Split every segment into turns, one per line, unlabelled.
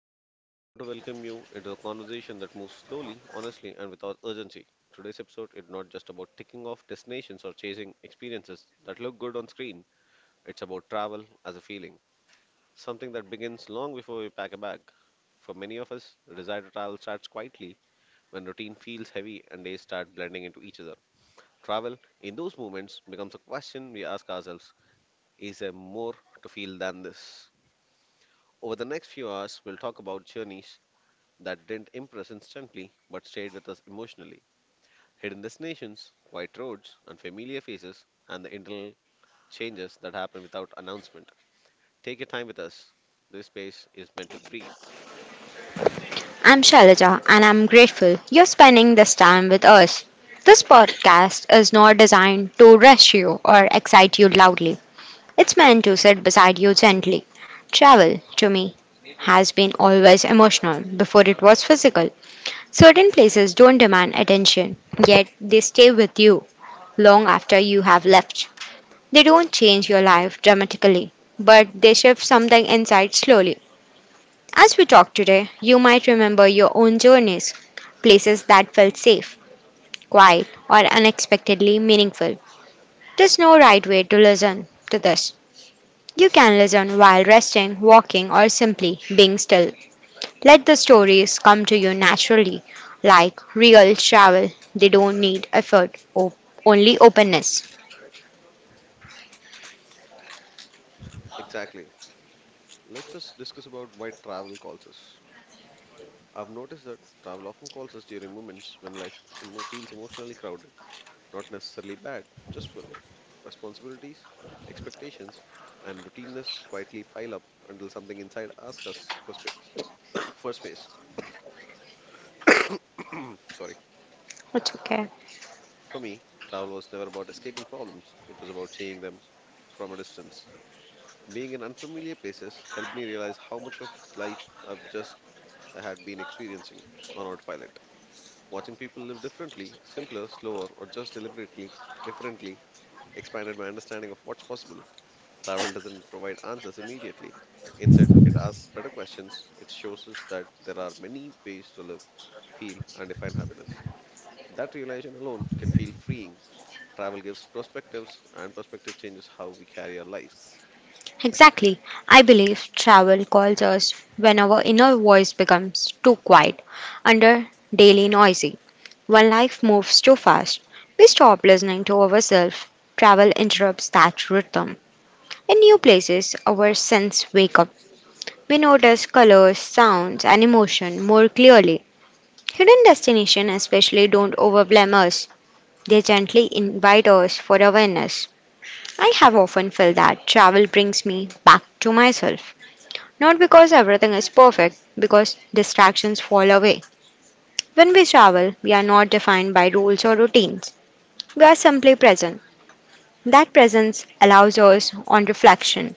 Isaac and I want to welcome you into a conversation that moves slowly, honestly, and without urgency. Today's episode is not just about ticking off destinations or chasing experiences that look good on screen. It's about travel as a feeling, something that begins long before we pack a bag. For many of us, the desire to travel starts quietly when routine feels heavy and days start blending into each other. Travel, in those moments, becomes a question we ask ourselves, is there more to feel than this? Over the next few hours, we'll talk about journeys that didn't impress instantly but stayed with us emotionally. Hidden destinations, quiet roads, and familiar faces, and the internal changes that happen without announcement. Take your time with us. This space is meant to breathe.
I'm Shailaja and I'm grateful you're spending this time with us. This podcast is not designed to rush you or excite you loudly. It's meant to sit beside you gently. Travel, to me, has been always emotional before it was physical. Certain places don't demand attention, yet they stay with you long after you have left. They
Hmm,
don't change your life dramatically, but they shift something inside slowly. As we talk today, you might remember your own journeys, places that felt safe, quiet, or unexpectedly meaningful. There's no right way to listen to this. You can listen while resting, walking, or simply being still. Let the stories come to you naturally, like real travel. They don't need only openness.
exactly. Let's just discuss about why travel calls us. I've noticed that travel often calls us during moments when life feels emotionally crowded. Not necessarily bad, just full. Responsibilities, expectations, and routineness quietly pile up until something inside asks us for space. for space. Sorry.
It's okay.
For me, travel was never about escaping problems, it was about seeing them from a distance. Being in unfamiliar places helped me realize how much of life I've just I had been experiencing on autopilot. Watching people live differently, simpler, slower, or just deliberately differently expanded my understanding of what's possible. Travel doesn't provide answers immediately. Instead, it asks better questions. It shows us that there are many ways to live, feel, and define happiness. That realization alone can feel freeing. Travel gives perspectives, and perspective changes how we carry our lives.
Exactly. I believe travel calls us when our inner voice becomes too quiet under daily noisy. When life moves too fast, we stop listening to ourselves. Travel interrupts that rhythm. In new places, our senses wake up. We notice colors, sounds, and emotion more clearly. Hidden destinations, especially, don't overwhelm us. They gently invite us for awareness. I have often felt that travel brings me back to myself. Not because everything is perfect, because distractions fall away. When we travel, we are not defined by rules or routines. We are simply present. That presence allows us on reflection.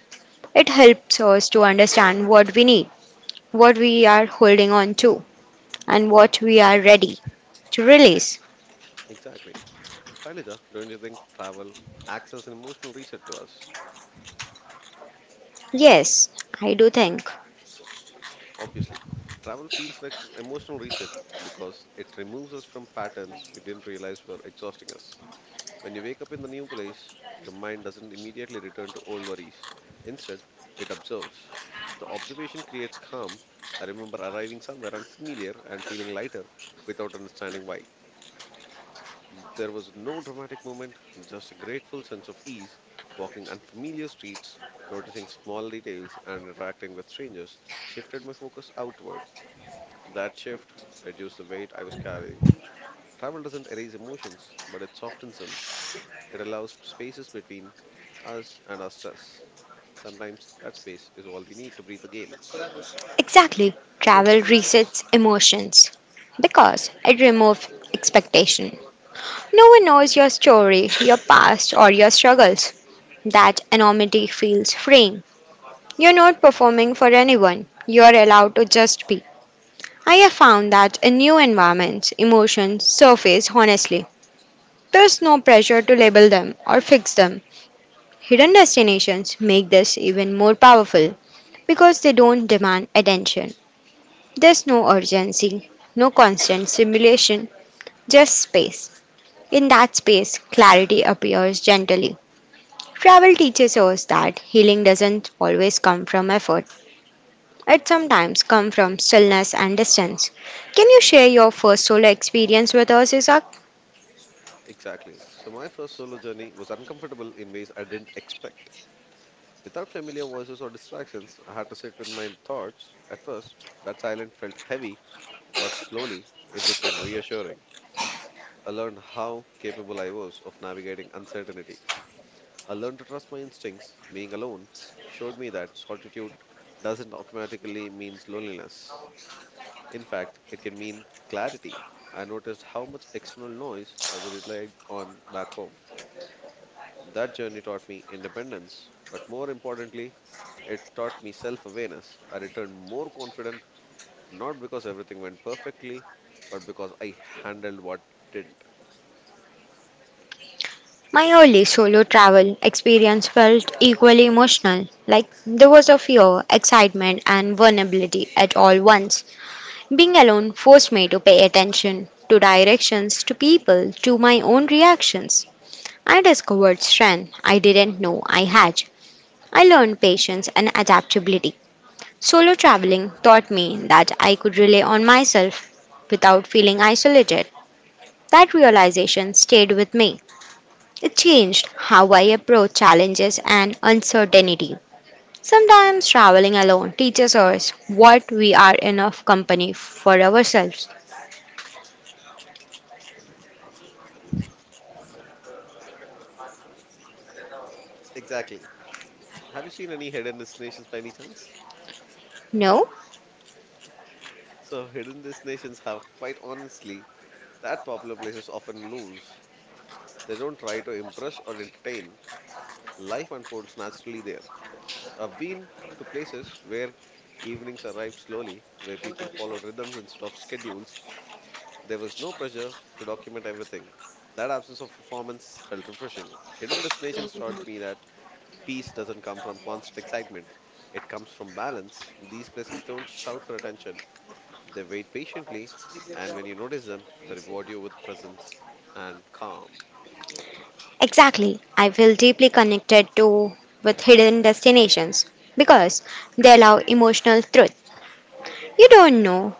It helps us to understand what we need, what we are holding on to, and what we are ready to release.
Exactly. Shailaja, don't you think travel acts as an emotional reset to us?
Yes, I do think.
Obviously. Travel feels like an emotional reset because it removes us from patterns we didn't realize were exhausting us. When you wake up in the new place, your mind doesn't immediately return to old worries. Instead, it observes. The observation creates calm. I remember arriving somewhere unfamiliar and feeling lighter without understanding why. There was no dramatic moment, just a grateful sense of ease, walking unfamiliar streets, noticing small details, and interacting with strangers shifted my focus outward. That shift reduced the weight I was carrying. Travel doesn't erase emotions, but it softens them. It allows spaces between us and our stress. Sometimes that space is all we need to breathe again.
Exactly. Travel resets emotions because it removes expectation. No one knows your story, your past, or your struggles. That anonymity feels freeing. You're not performing for anyone. You're allowed to just be. I have found that in new environments, emotions surface honestly. There's no pressure to label them or fix them. Hidden destinations make this even more powerful because they don't demand attention. There's no urgency, no constant stimulation, just space. In that space, clarity appears gently. Travel teaches us that healing doesn't always come from effort. It sometimes comes from stillness and distance. Can you share your first solo experience with us, Isaac?
Exactly. So, my first solo journey was uncomfortable in ways I didn't expect. Without familiar voices or distractions, I had to sit with my thoughts. At first, that silence felt heavy, but slowly it became reassuring. I learned how capable I was of navigating uncertainty. I learned to trust my instincts. Being alone showed me that solitude doesn't automatically mean loneliness. In fact, it can mean clarity. I noticed how much external noise I relied on back home. That journey taught me independence, but more importantly, it taught me self awareness. I returned more confident, not because everything went perfectly, but because I handled what didn't.
My early solo travel experience felt equally emotional. Like there was a fear, excitement, and vulnerability at all once. Being alone forced me to pay attention to directions, to people, to my own reactions. I discovered strength I didn't know I had. I learned patience and adaptability. Solo traveling taught me that I could rely on myself without feeling isolated. That realization stayed with me, it changed how I approach challenges and uncertainty. Sometimes traveling alone teaches us what we are enough company for ourselves.
Exactly. Have you seen any hidden destinations by any chance?
No?
So, hidden destinations have, quite honestly, that popular places often lose. They don't try to impress or entertain. Life unfolds naturally there. I've been to places where evenings arrived slowly, where people followed rhythms instead of schedules. There was no pressure to document everything. That absence of performance felt refreshing. Hidden destinations taught me that peace doesn't come from constant excitement, it comes from balance. These places don't shout for attention, they wait patiently, and when you notice them, they reward you with presence and calm.
Exactly. I feel deeply connected to with hidden destinations because they allow emotional truth. You don't know.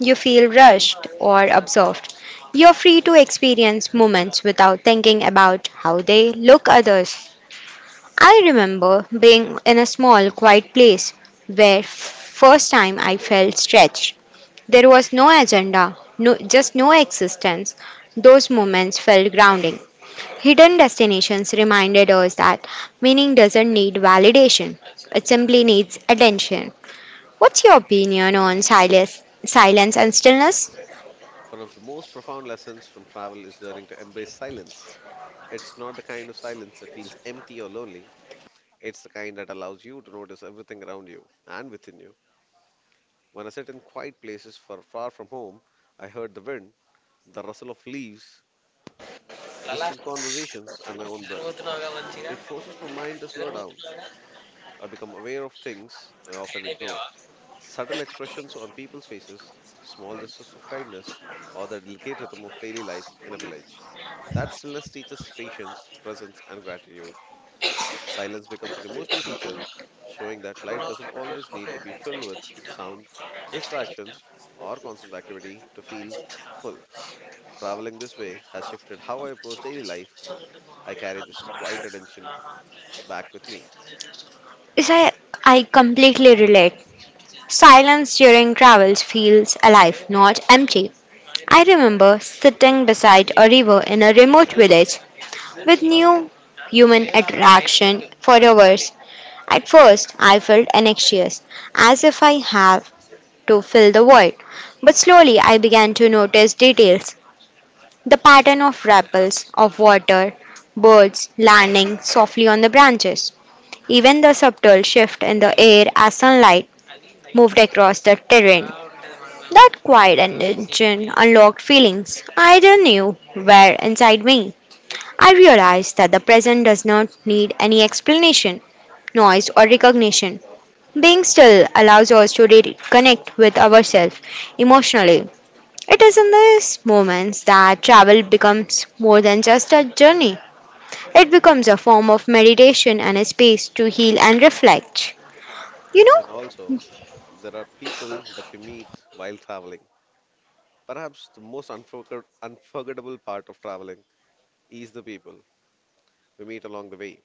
You feel rushed or absorbed. You're free to experience moments without thinking about how they look others. I remember being in a small, quiet place where first time I felt stretched. There was no agenda, no just no existence. Those moments felt grounding. Hidden destinations reminded us that meaning doesn't need validation. It simply needs attention. What's your opinion on silence and stillness?
One of the most profound lessons from travel is learning to embrace silence. It's not the kind of silence that feels empty or lonely. It's the kind that allows you to notice everything around you and within you. When I sit in quiet places for far from home, I heard the wind, the rustle of leaves, distant conversations, and my own breath. It forces my mind to slow down. I become aware of things I often ignore. Subtle expressions on people's faces, small gestures of kindness, or the delicate rhythm of daily life in a village. That stillness teaches patience, presence, and gratitude. Silence becomes an emotional teacher, showing that life doesn't always need to be filled with sound, distractions, or constant activity to feel full. Traveling this way has shifted how I approach daily life. I carry this quiet attention back with me.
Is I completely relate. Silence during travels feels alive, not empty. I remember sitting beside a river in a remote village with new human attraction for hours. At first, I felt anxious, as if I have to fill the void. But slowly, I began to notice details, the pattern of ripples of water, birds landing softly on the branches, even the subtle shift in the air as sunlight moved across the terrain. That quiet attention unlocked feelings I didn't know were inside me. I realized that the present does not need any explanation, noise, or recognition. Being still allows us to reconnect with ourselves emotionally. It is in these moments that travel becomes more than just a journey. It becomes a form of meditation and a space to heal and reflect. You know,
And also, there are people that we meet while traveling. Perhaps the most unforgettable part of traveling is the people we meet along the way.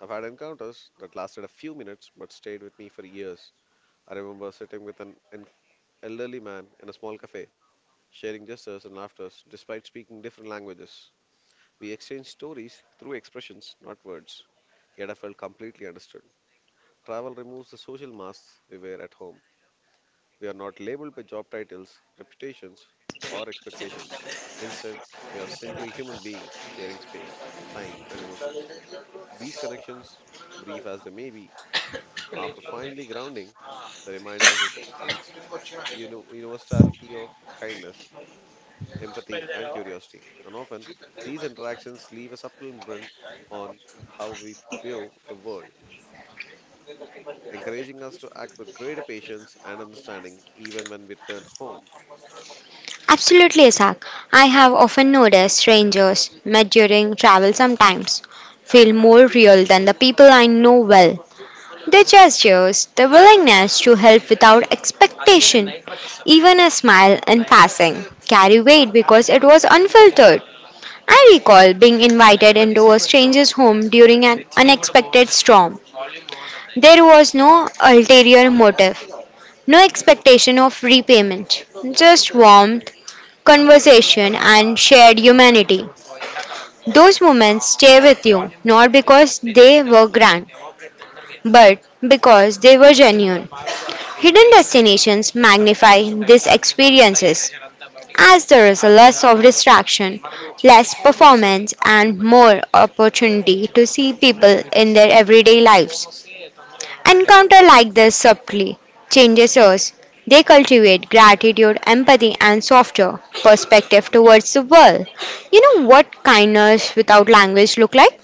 I've had encounters that lasted a few minutes but stayed with me for years. I remember sitting with an elderly man in a small cafe, sharing gestures and laughters despite speaking different languages. We exchanged stories through expressions, not words, yet I felt completely understood. Travel removes the social masks we wear at home. We are not labeled by job titles, reputations, or expectations. Instead, we are simply human beings sharing space, time, and emotions. These connections, brief as they may be, are profoundly grounding. They remind us of uns- universality of kindness empathy, and curiosity. And often, these interactions leave a subtle imprint on how we view the world, encouraging us to act with greater patience and understanding even when we return home.
Absolutely, Isaac. I have often noticed strangers met during travel sometimes feel more real than the people I know well. Their gestures, their willingness to help without expectation, even a smile in passing, carry weight because it was unfiltered. I recall being invited into a stranger's home during an unexpected storm. There was no ulterior motive, no expectation of repayment, just warmth, conversation, and shared humanity. Those moments stay with you not because they were grand, but because they were genuine. Hidden destinations magnify these experiences as there is less of distraction, less performance, and more opportunity to see people in their everyday lives. Encounter like this subtly changes us. They cultivate gratitude, empathy, and softer perspective towards the world. You know what kindness without language look like?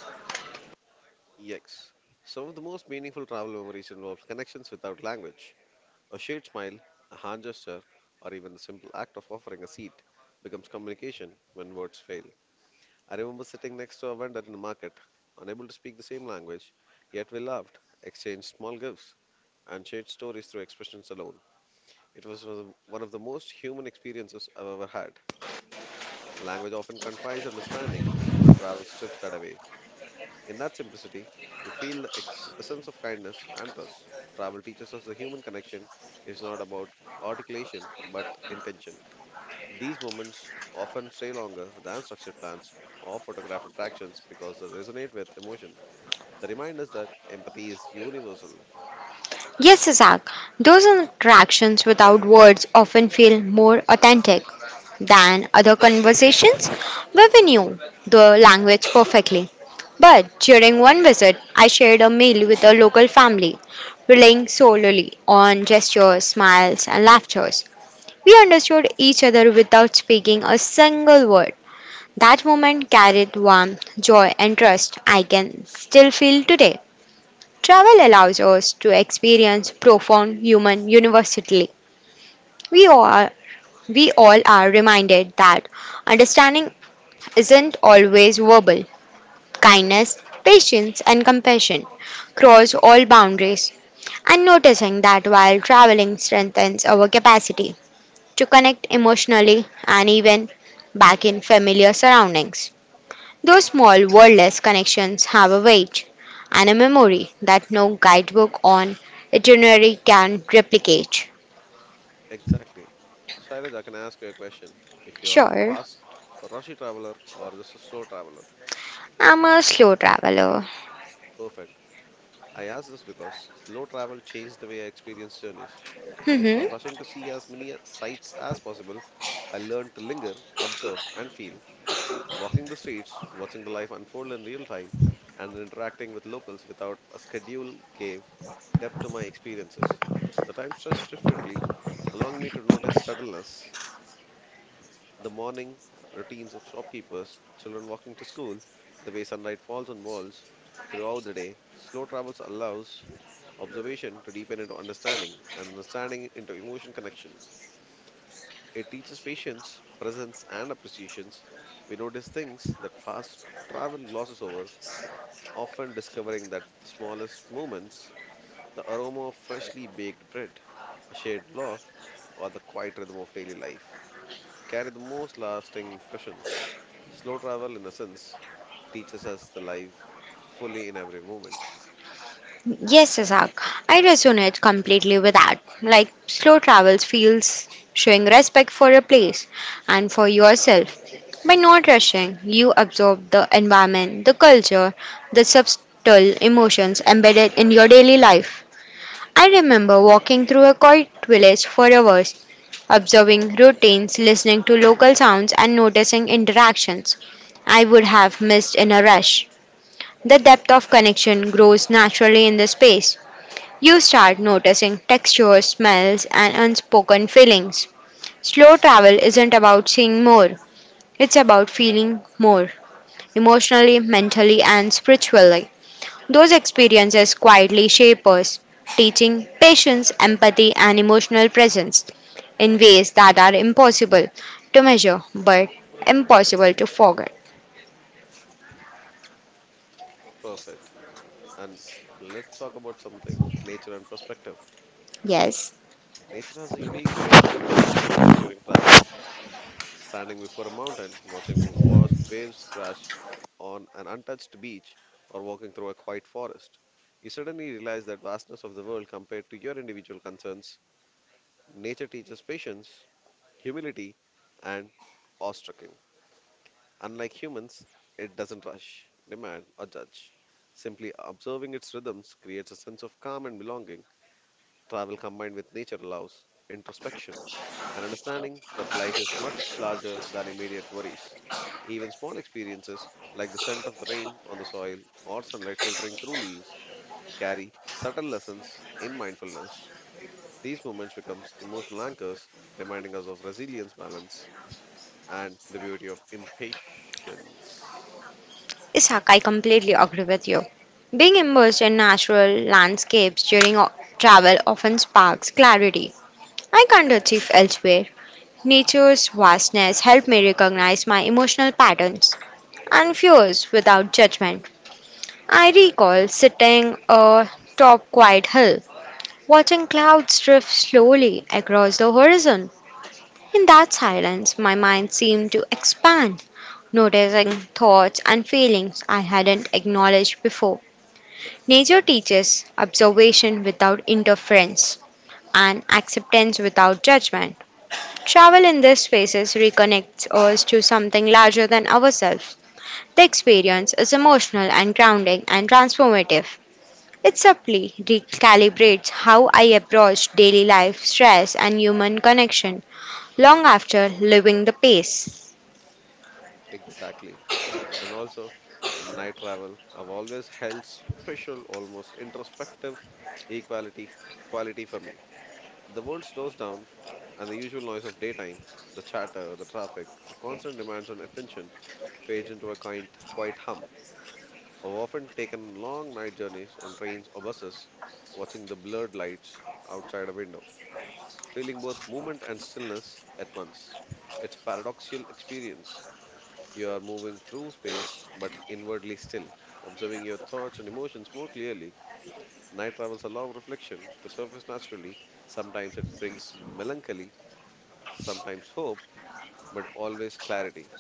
Yes. Some of the most meaningful travel memories involve connections without language. A shared smile, a hand gesture, or even the simple act of offering a seat becomes communication when words fail. I remember sitting next to a vendor in a market, unable to speak the same language, yet we laughed, exchanged small gifts, and shared stories through expressions alone. It was one of the most human experiences I've ever had. Language often confides understanding, but travel strips that away. In that simplicity, you feel a sense of kindness and trust. Travel teaches us the human connection is not about articulation but intention. These moments often stay longer than structured plans or photographed attractions because they resonate with emotion. They remind us that empathy is universal.
Yes, Isaac, those interactions without words often feel more authentic than other conversations where we knew the language perfectly. But during one visit, I shared a meal with a local family, relying solely on gestures, smiles, and laughter. We understood each other without speaking a single word. That moment carried warmth, joy, and trust I can still feel today. Travel allows us to experience profound human universality. We all, we all are reminded that understanding isn't always verbal. Kindness, patience, and compassion cross all boundaries. And noticing that while traveling strengthens our capacity to connect emotionally and even back in familiar surroundings. Those small wordless connections have a weight and a memory that no guidebook on itinerary can replicate.
Exactly. Shairaj, I can ask you a question. If you are a
Sure,
fast rushy traveler or just a slow traveler,
I'm a slow traveler.
perfect. I ask this because slow travel changed the way I experience journeys. Instead of rushing to see as many sights as possible, I learned to linger, observe, and feel. Walking the streets, watching the life unfold in real time, and interacting with locals without a schedule gave depth to my experiences. The time stretched differently, allowing me to notice subtleness. The morning routines of shopkeepers, children walking to school, the way sunlight falls on walls throughout the day, slow travels allows observation to deepen into understanding and understanding into emotion connection. It teaches patience, presence, and appreciations. We notice things that fast travel glosses over, often discovering that the smallest moments, the aroma of freshly baked bread, a shared laugh, or the quiet rhythm of daily life carry the most lasting impressions. Slow travel, in a sense, teaches us the life fully in every moment.
Yes, Isaac, I resonate completely with that. Like, slow travels feels showing respect for a place and for yourself. By not rushing, you absorb the environment, the culture, the subtle emotions embedded in your daily life. I remember walking through a quiet village for hours, observing routines, listening to local sounds, and noticing interactions I would have missed in a rush. The depth of connection grows naturally in the space. You start noticing textures, smells, and unspoken feelings. Slow travel isn't about seeing more, it's about feeling more emotionally, mentally, and spiritually. Those experiences quietly shape us, teaching patience, empathy, and emotional presence in ways that are impossible to measure but impossible to forget.
Perfect. And let's talk about something nature and perspective.
Yes.
Nature has a unique way of shifting perspectives during travel. Standing before a mountain, watching waves crash on an untouched beach, or walking through a quiet forest, you suddenly realize that vastness of the world compared to your individual concerns. Nature teaches patience, humility, and awe awestruck. Unlike humans, it doesn't rush, demand, or judge. Simply observing its rhythms creates a sense of calm and belonging. Travel combined with nature allows introspection and understanding that life is much larger than immediate worries. Even small experiences like the scent of the rain on the soil or sunlight filtering through leaves carry subtle lessons in mindfulness. These moments become emotional anchors, reminding us of resilience, balance, and the beauty of impatience.
Ishaq, I completely agree with you. Being immersed in natural landscapes during travel often sparks clarity I can't achieve elsewhere. Nature's vastness helped me recognize my emotional patterns and fears without judgment. I recall sitting atop quiet hill, watching clouds drift slowly across the horizon. In that silence, my mind seemed to expand, noticing thoughts and feelings I hadn't acknowledged before. Nature teaches observation without interference and acceptance without judgment. Travel in these spaces reconnects us to something larger than ourselves. The experience is emotional and grounding and transformative. It subtly recalibrates how I approach daily life, stress, and human connection long after leaving the pace.
Exactly. And also, night travel. I've always held special, almost introspective equality quality for me. The world slows down, and the usual noise of daytime, the chatter, the traffic, the constant demands on attention fades into a kind, quiet hum. I've often taken long night journeys on trains or buses, watching the blurred lights outside a window, feeling both movement and stillness at once. It's a paradoxical experience. You are moving through space, but inwardly still, observing your thoughts and emotions more clearly. Night travels allow reflection to surface naturally. Sometimes it brings melancholy, sometimes hope, but always clarity.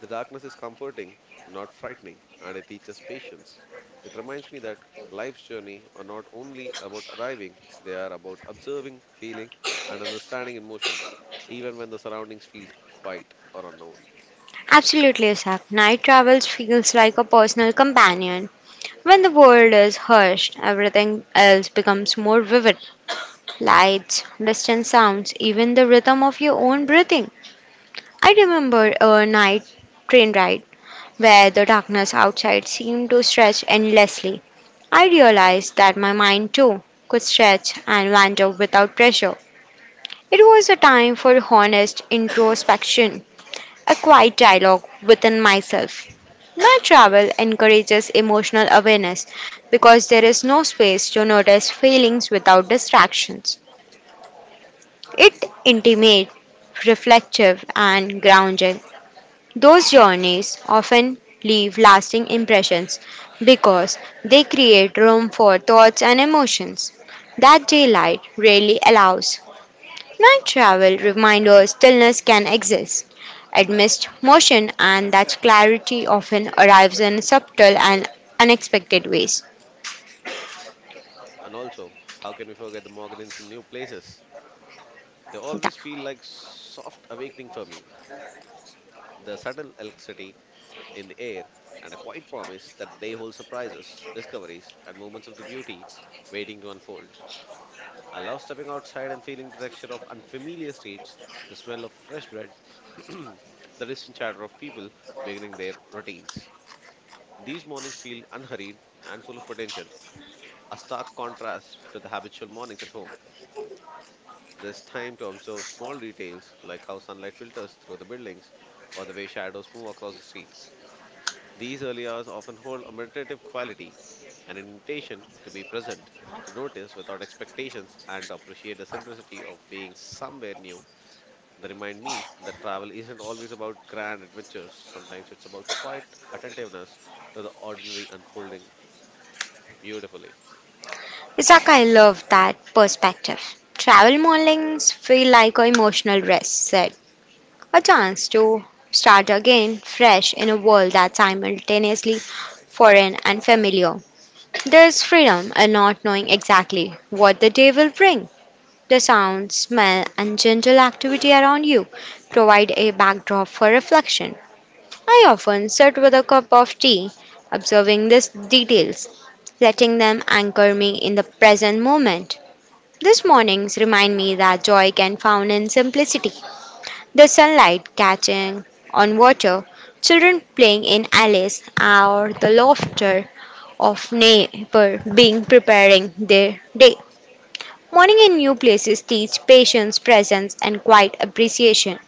The darkness is comforting, not frightening, and it teaches patience. It reminds me that life's journey are not only about arriving, they are about observing, feeling, and understanding emotion, even when the surroundings feel quiet or unknown.
Absolutely, Isak. Night travels feels like a personal companion. When the world is hushed, everything else becomes more vivid. Lights, distant sounds, even the rhythm of your own breathing. I remember a night train ride where the darkness outside seemed to stretch endlessly. I realized that my mind too could stretch and wander without pressure. It was a time for honest introspection, a quiet dialogue within myself. My travel encourages emotional awareness because there is no space to notice feelings without distractions. It intimate, reflective, and grounding. Those journeys often leave lasting impressions because they create room for thoughts and emotions that daylight rarely allows. Night travel reminds us stillness can exist amidst motion and that clarity often arrives in subtle and unexpected ways.
And also, how can we forget the mornings in new places? They
Tha-
always feel like soft awakening for me. The subtle electricity in the air and a quiet promise that the day holds surprises, discoveries, and moments of the beauty waiting to unfold. I love stepping outside and feeling the texture of unfamiliar streets, the smell of fresh bread, the distant chatter of people beginning their routines. These mornings feel unhurried and full of potential, a stark contrast to the habitual mornings at home. There's time to observe small details like how sunlight filters through the buildings or the way shadows move across the street. These early hours often hold a meditative quality, an invitation to be present, to notice without expectations, and to appreciate the simplicity of being somewhere new. They remind me that travel isn't always about grand adventures, sometimes it's about quiet attentiveness to the ordinary unfolding beautifully.
Zaka, I love that perspective. Travel mornings feel like an emotional rest set, a chance to start again fresh in a world that's simultaneously foreign and familiar. There's freedom in not knowing exactly what the day will bring. The sound, smell, and gentle activity around you provide a backdrop for reflection. I often sit with a cup of tea, observing these details, letting them anchor me in the present moment. These mornings remind me that joy can found in simplicity. The sunlight catching on water, children playing in alleys, or the laughter of neighbor being preparing their day. Morning in new places teach patience, presence, and quiet appreciation.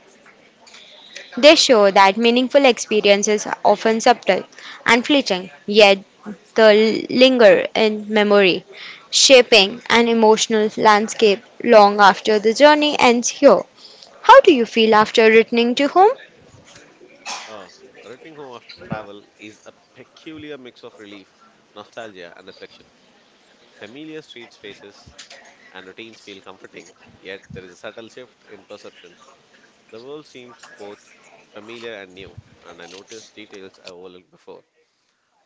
They show that meaningful experiences are often subtle and fleeting, yet they linger in memory, shaping an emotional landscape long after the journey ends here. How do you feel after returning to home?
Ah, returning home after travel is a peculiar mix of relief, nostalgia, and reflection. Familiar street spaces and routines feel comforting, yet there is a subtle shift in perception. The world seems both familiar and new, and I notice details I overlooked before.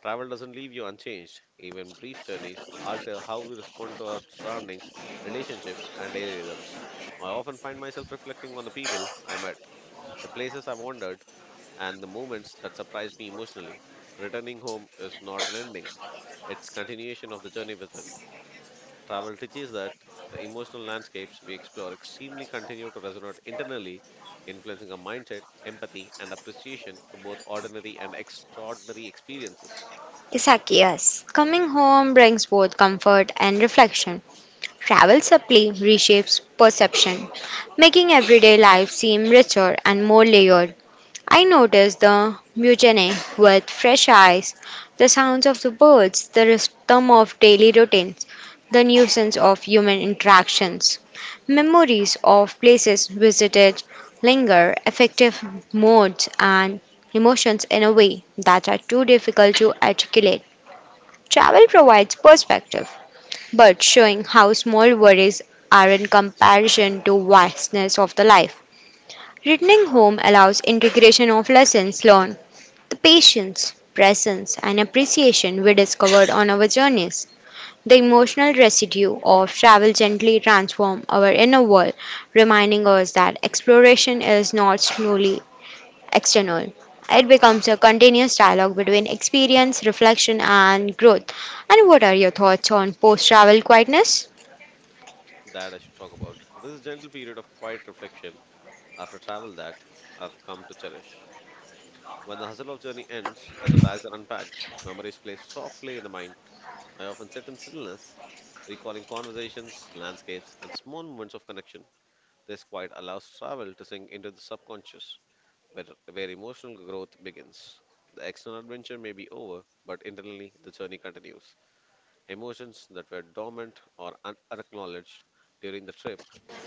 Travel doesn't leave you unchanged. Even brief journeys alter how we respond to our surroundings, relationships, and daily rhythms. I often find myself reflecting on the people I met, the places I wandered, and the moments that surprised me emotionally. Returning home is not an ending, it's continuation of the journey within. Travel teaches that the emotional landscapes we explore extremely continue to resonate internally, influencing our mindset, empathy, and appreciation for both ordinary and extraordinary experiences.
Isakias, coming home brings both comfort and reflection. Travel subtly reshapes perception, making everyday life seem richer and more layered. I noticed the mutiny with fresh eyes, the sounds of the birds, the rhythm of daily routines, the nuisance of human interactions. Memories of places visited linger, affective moods, and emotions in a way that are too difficult to articulate. Travel provides perspective, but showing how small worries are in comparison to vastness of the life. Returning home allows integration of lessons learned, the patience, presence, and appreciation we discovered on our journeys, the emotional residue of travel gently transform our inner world, reminding us that exploration is not solely external. It becomes a continuous dialogue between experience, reflection, and growth. And what are your thoughts on post travel quietness?
That I should talk about. This gentle period of quiet reflection after travel that I've come to cherish. When the hustle of journey ends and the bags are unpacked, memories play softly in the mind. I often sit in stillness, recalling conversations, landscapes, and small moments of connection. This quiet allows travel to sink into the subconscious, where, where emotional growth begins. The external adventure may be over, but internally the journey continues. Emotions that were dormant or unacknowledged during the trip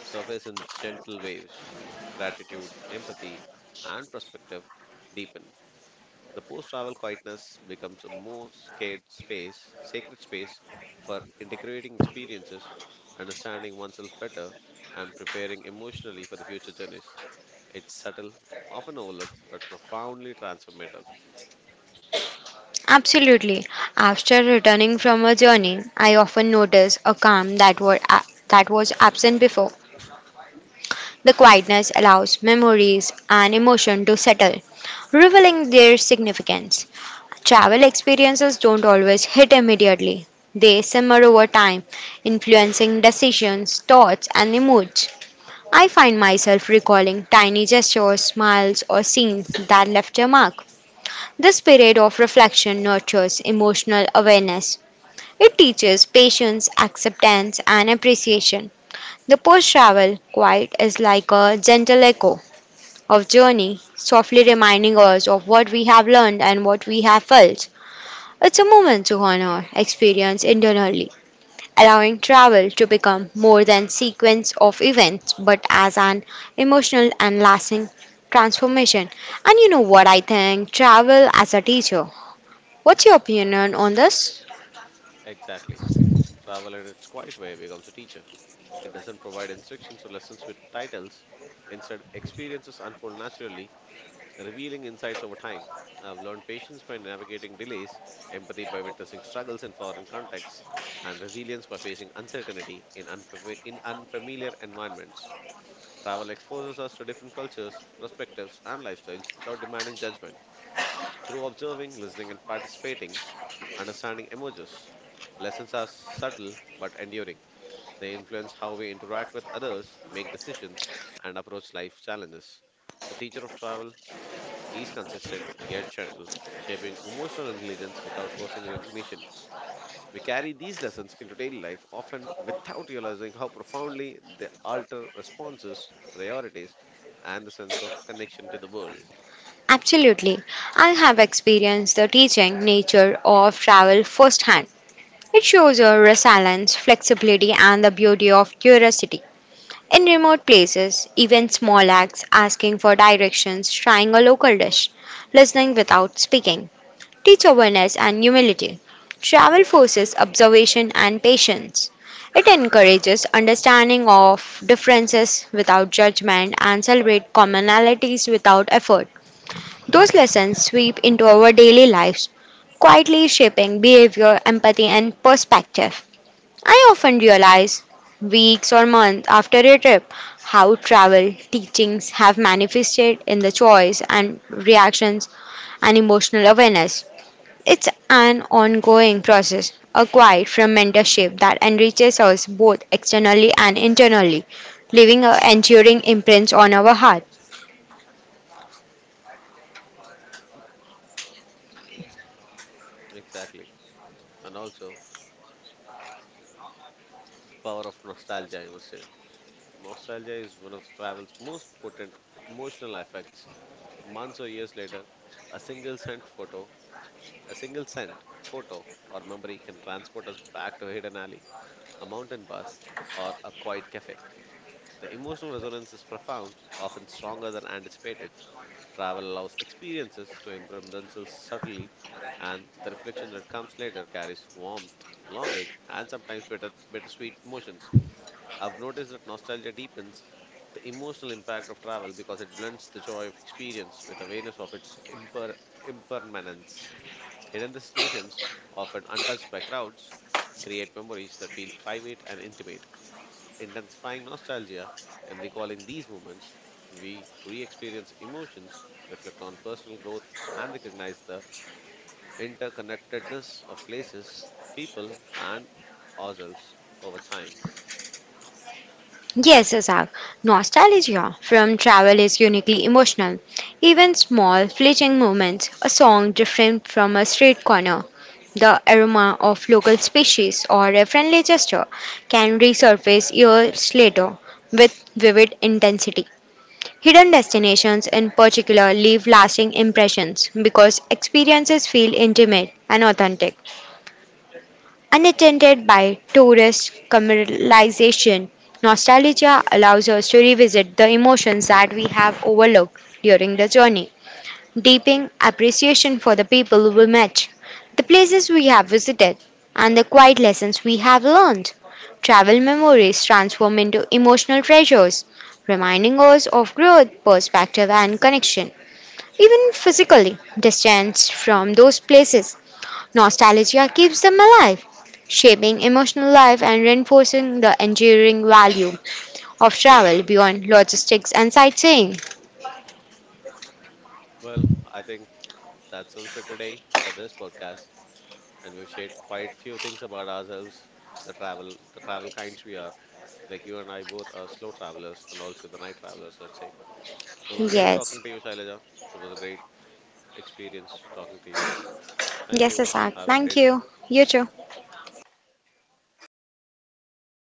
surface in gentle waves. Gratitude, empathy, and perspective deepen. The post-travel quietness becomes a sacred space for integrating experiences, understanding oneself better, and preparing emotionally for the future journeys. It's subtle, often overlooked, but profoundly transformative.
Absolutely. After returning from a journey, I often notice a calm that was absent before. The quietness allows memories and emotion to settle, revealing their significance. Travel experiences don't always hit immediately. They simmer over time, influencing decisions, thoughts, and moods. I find myself recalling tiny gestures, smiles, or scenes that left their mark. This period of reflection nurtures emotional awareness. It teaches patience, acceptance, and appreciation. The post travel quiet is like a gentle echo of journey, softly reminding us of what we have learned and what we have felt. It's a moment to honor experience internally, allowing travel to become more than sequence of events but as an emotional and lasting transformation. And you know what, I think travel as a teacher. What's your opinion on this?
Exactly. Travel in its quiet way becomes a teacher. It doesn't provide instructions or lessons with titles. Instead, experiences unfold naturally revealing insights over time. I've learned patience by navigating delays, empathy by witnessing struggles in foreign contexts, and resilience by facing uncertainty in unfamiliar environments. Travel exposes us to different cultures, perspectives, and lifestyles without demanding judgment. Through observing, listening, and participating, understanding emerges. Lessons are subtle but enduring. They influence how we interact with others, make decisions, and approach life challenges. The teacher of travel is consistent yet gentle, shaping emotional intelligence without forcing recognition. We carry these lessons into daily life often without realizing how profoundly they alter responses, priorities, and the sense of connection to the world.
Absolutely. I have experienced the teaching nature of travel firsthand. It shows your resilience, flexibility, and the beauty of curiosity. In remote places, even small acts asking for directions, trying a local dish, listening without speaking, teach awareness and humility. Travel forces observation and patience. It encourages understanding of differences without judgment and celebrate commonalities without effort. Those lessons sweep into our daily lives, quietly shaping behavior, empathy, and perspective. I often realize weeks or months after a trip how travel teachings have manifested in the choice and reactions and emotional awareness. It's an ongoing process, acquired from mentorship that enriches us both externally and internally, leaving a enduring imprint on our heart.
Exactly. And also, the power of nostalgia, I must say. Nostalgia is one of travel's most potent emotional effects. Months or years later, a single scent photo, a single scent, photo, or memory can transport us back to a hidden alley a mountain bus, or a quiet cafe. The emotional resonance is profound, often stronger than anticipated. Travel allows experiences to imprint themselves subtly, and the reflection that comes later carries warmth, longing, and sometimes bittersweet emotions. I've noticed that nostalgia deepens the emotional impact of travel because it blends the joy of experience with awareness of its impermanence. Hidden destinations, often untouched by crowds, create memories that feel private and intimate intensifying nostalgia and recalling these moments, we re experience emotions, reflect on personal growth, and recognize the interconnectedness of places, people, and ourselves over time.
Yes, Isaac. Nostalgia from travel is uniquely emotional. Even small, fleeting moments, a song different from a street corner, the aroma of local species, or a friendly gesture can resurface years later with vivid intensity. Hidden destinations, in particular, leave lasting impressions because experiences feel intimate and authentic unattended by tourist commercialization. Nostalgia allows us to revisit the emotions that we have overlooked during the journey, deepening appreciation for the people we met, the places we have visited, and the quiet lessons we have learned. Travel memories transform into emotional treasures, reminding us of growth, perspective, and connection. Even physically, distance from those places, nostalgia keeps them alive, shaping emotional life and reinforcing the enduring value of travel beyond logistics and sightseeing.
Well, I think that's all for today for this podcast, and we've shared quite few things about ourselves, the travel kinds we are. Like you and I both are slow travelers and also the night travelers, let's say. It was great
Yes.
talking to you, Shailaja. It was a great experience talking to you. Thank
Yes,
you.
Isaac.
Have a
Thank
great day.
you. You too.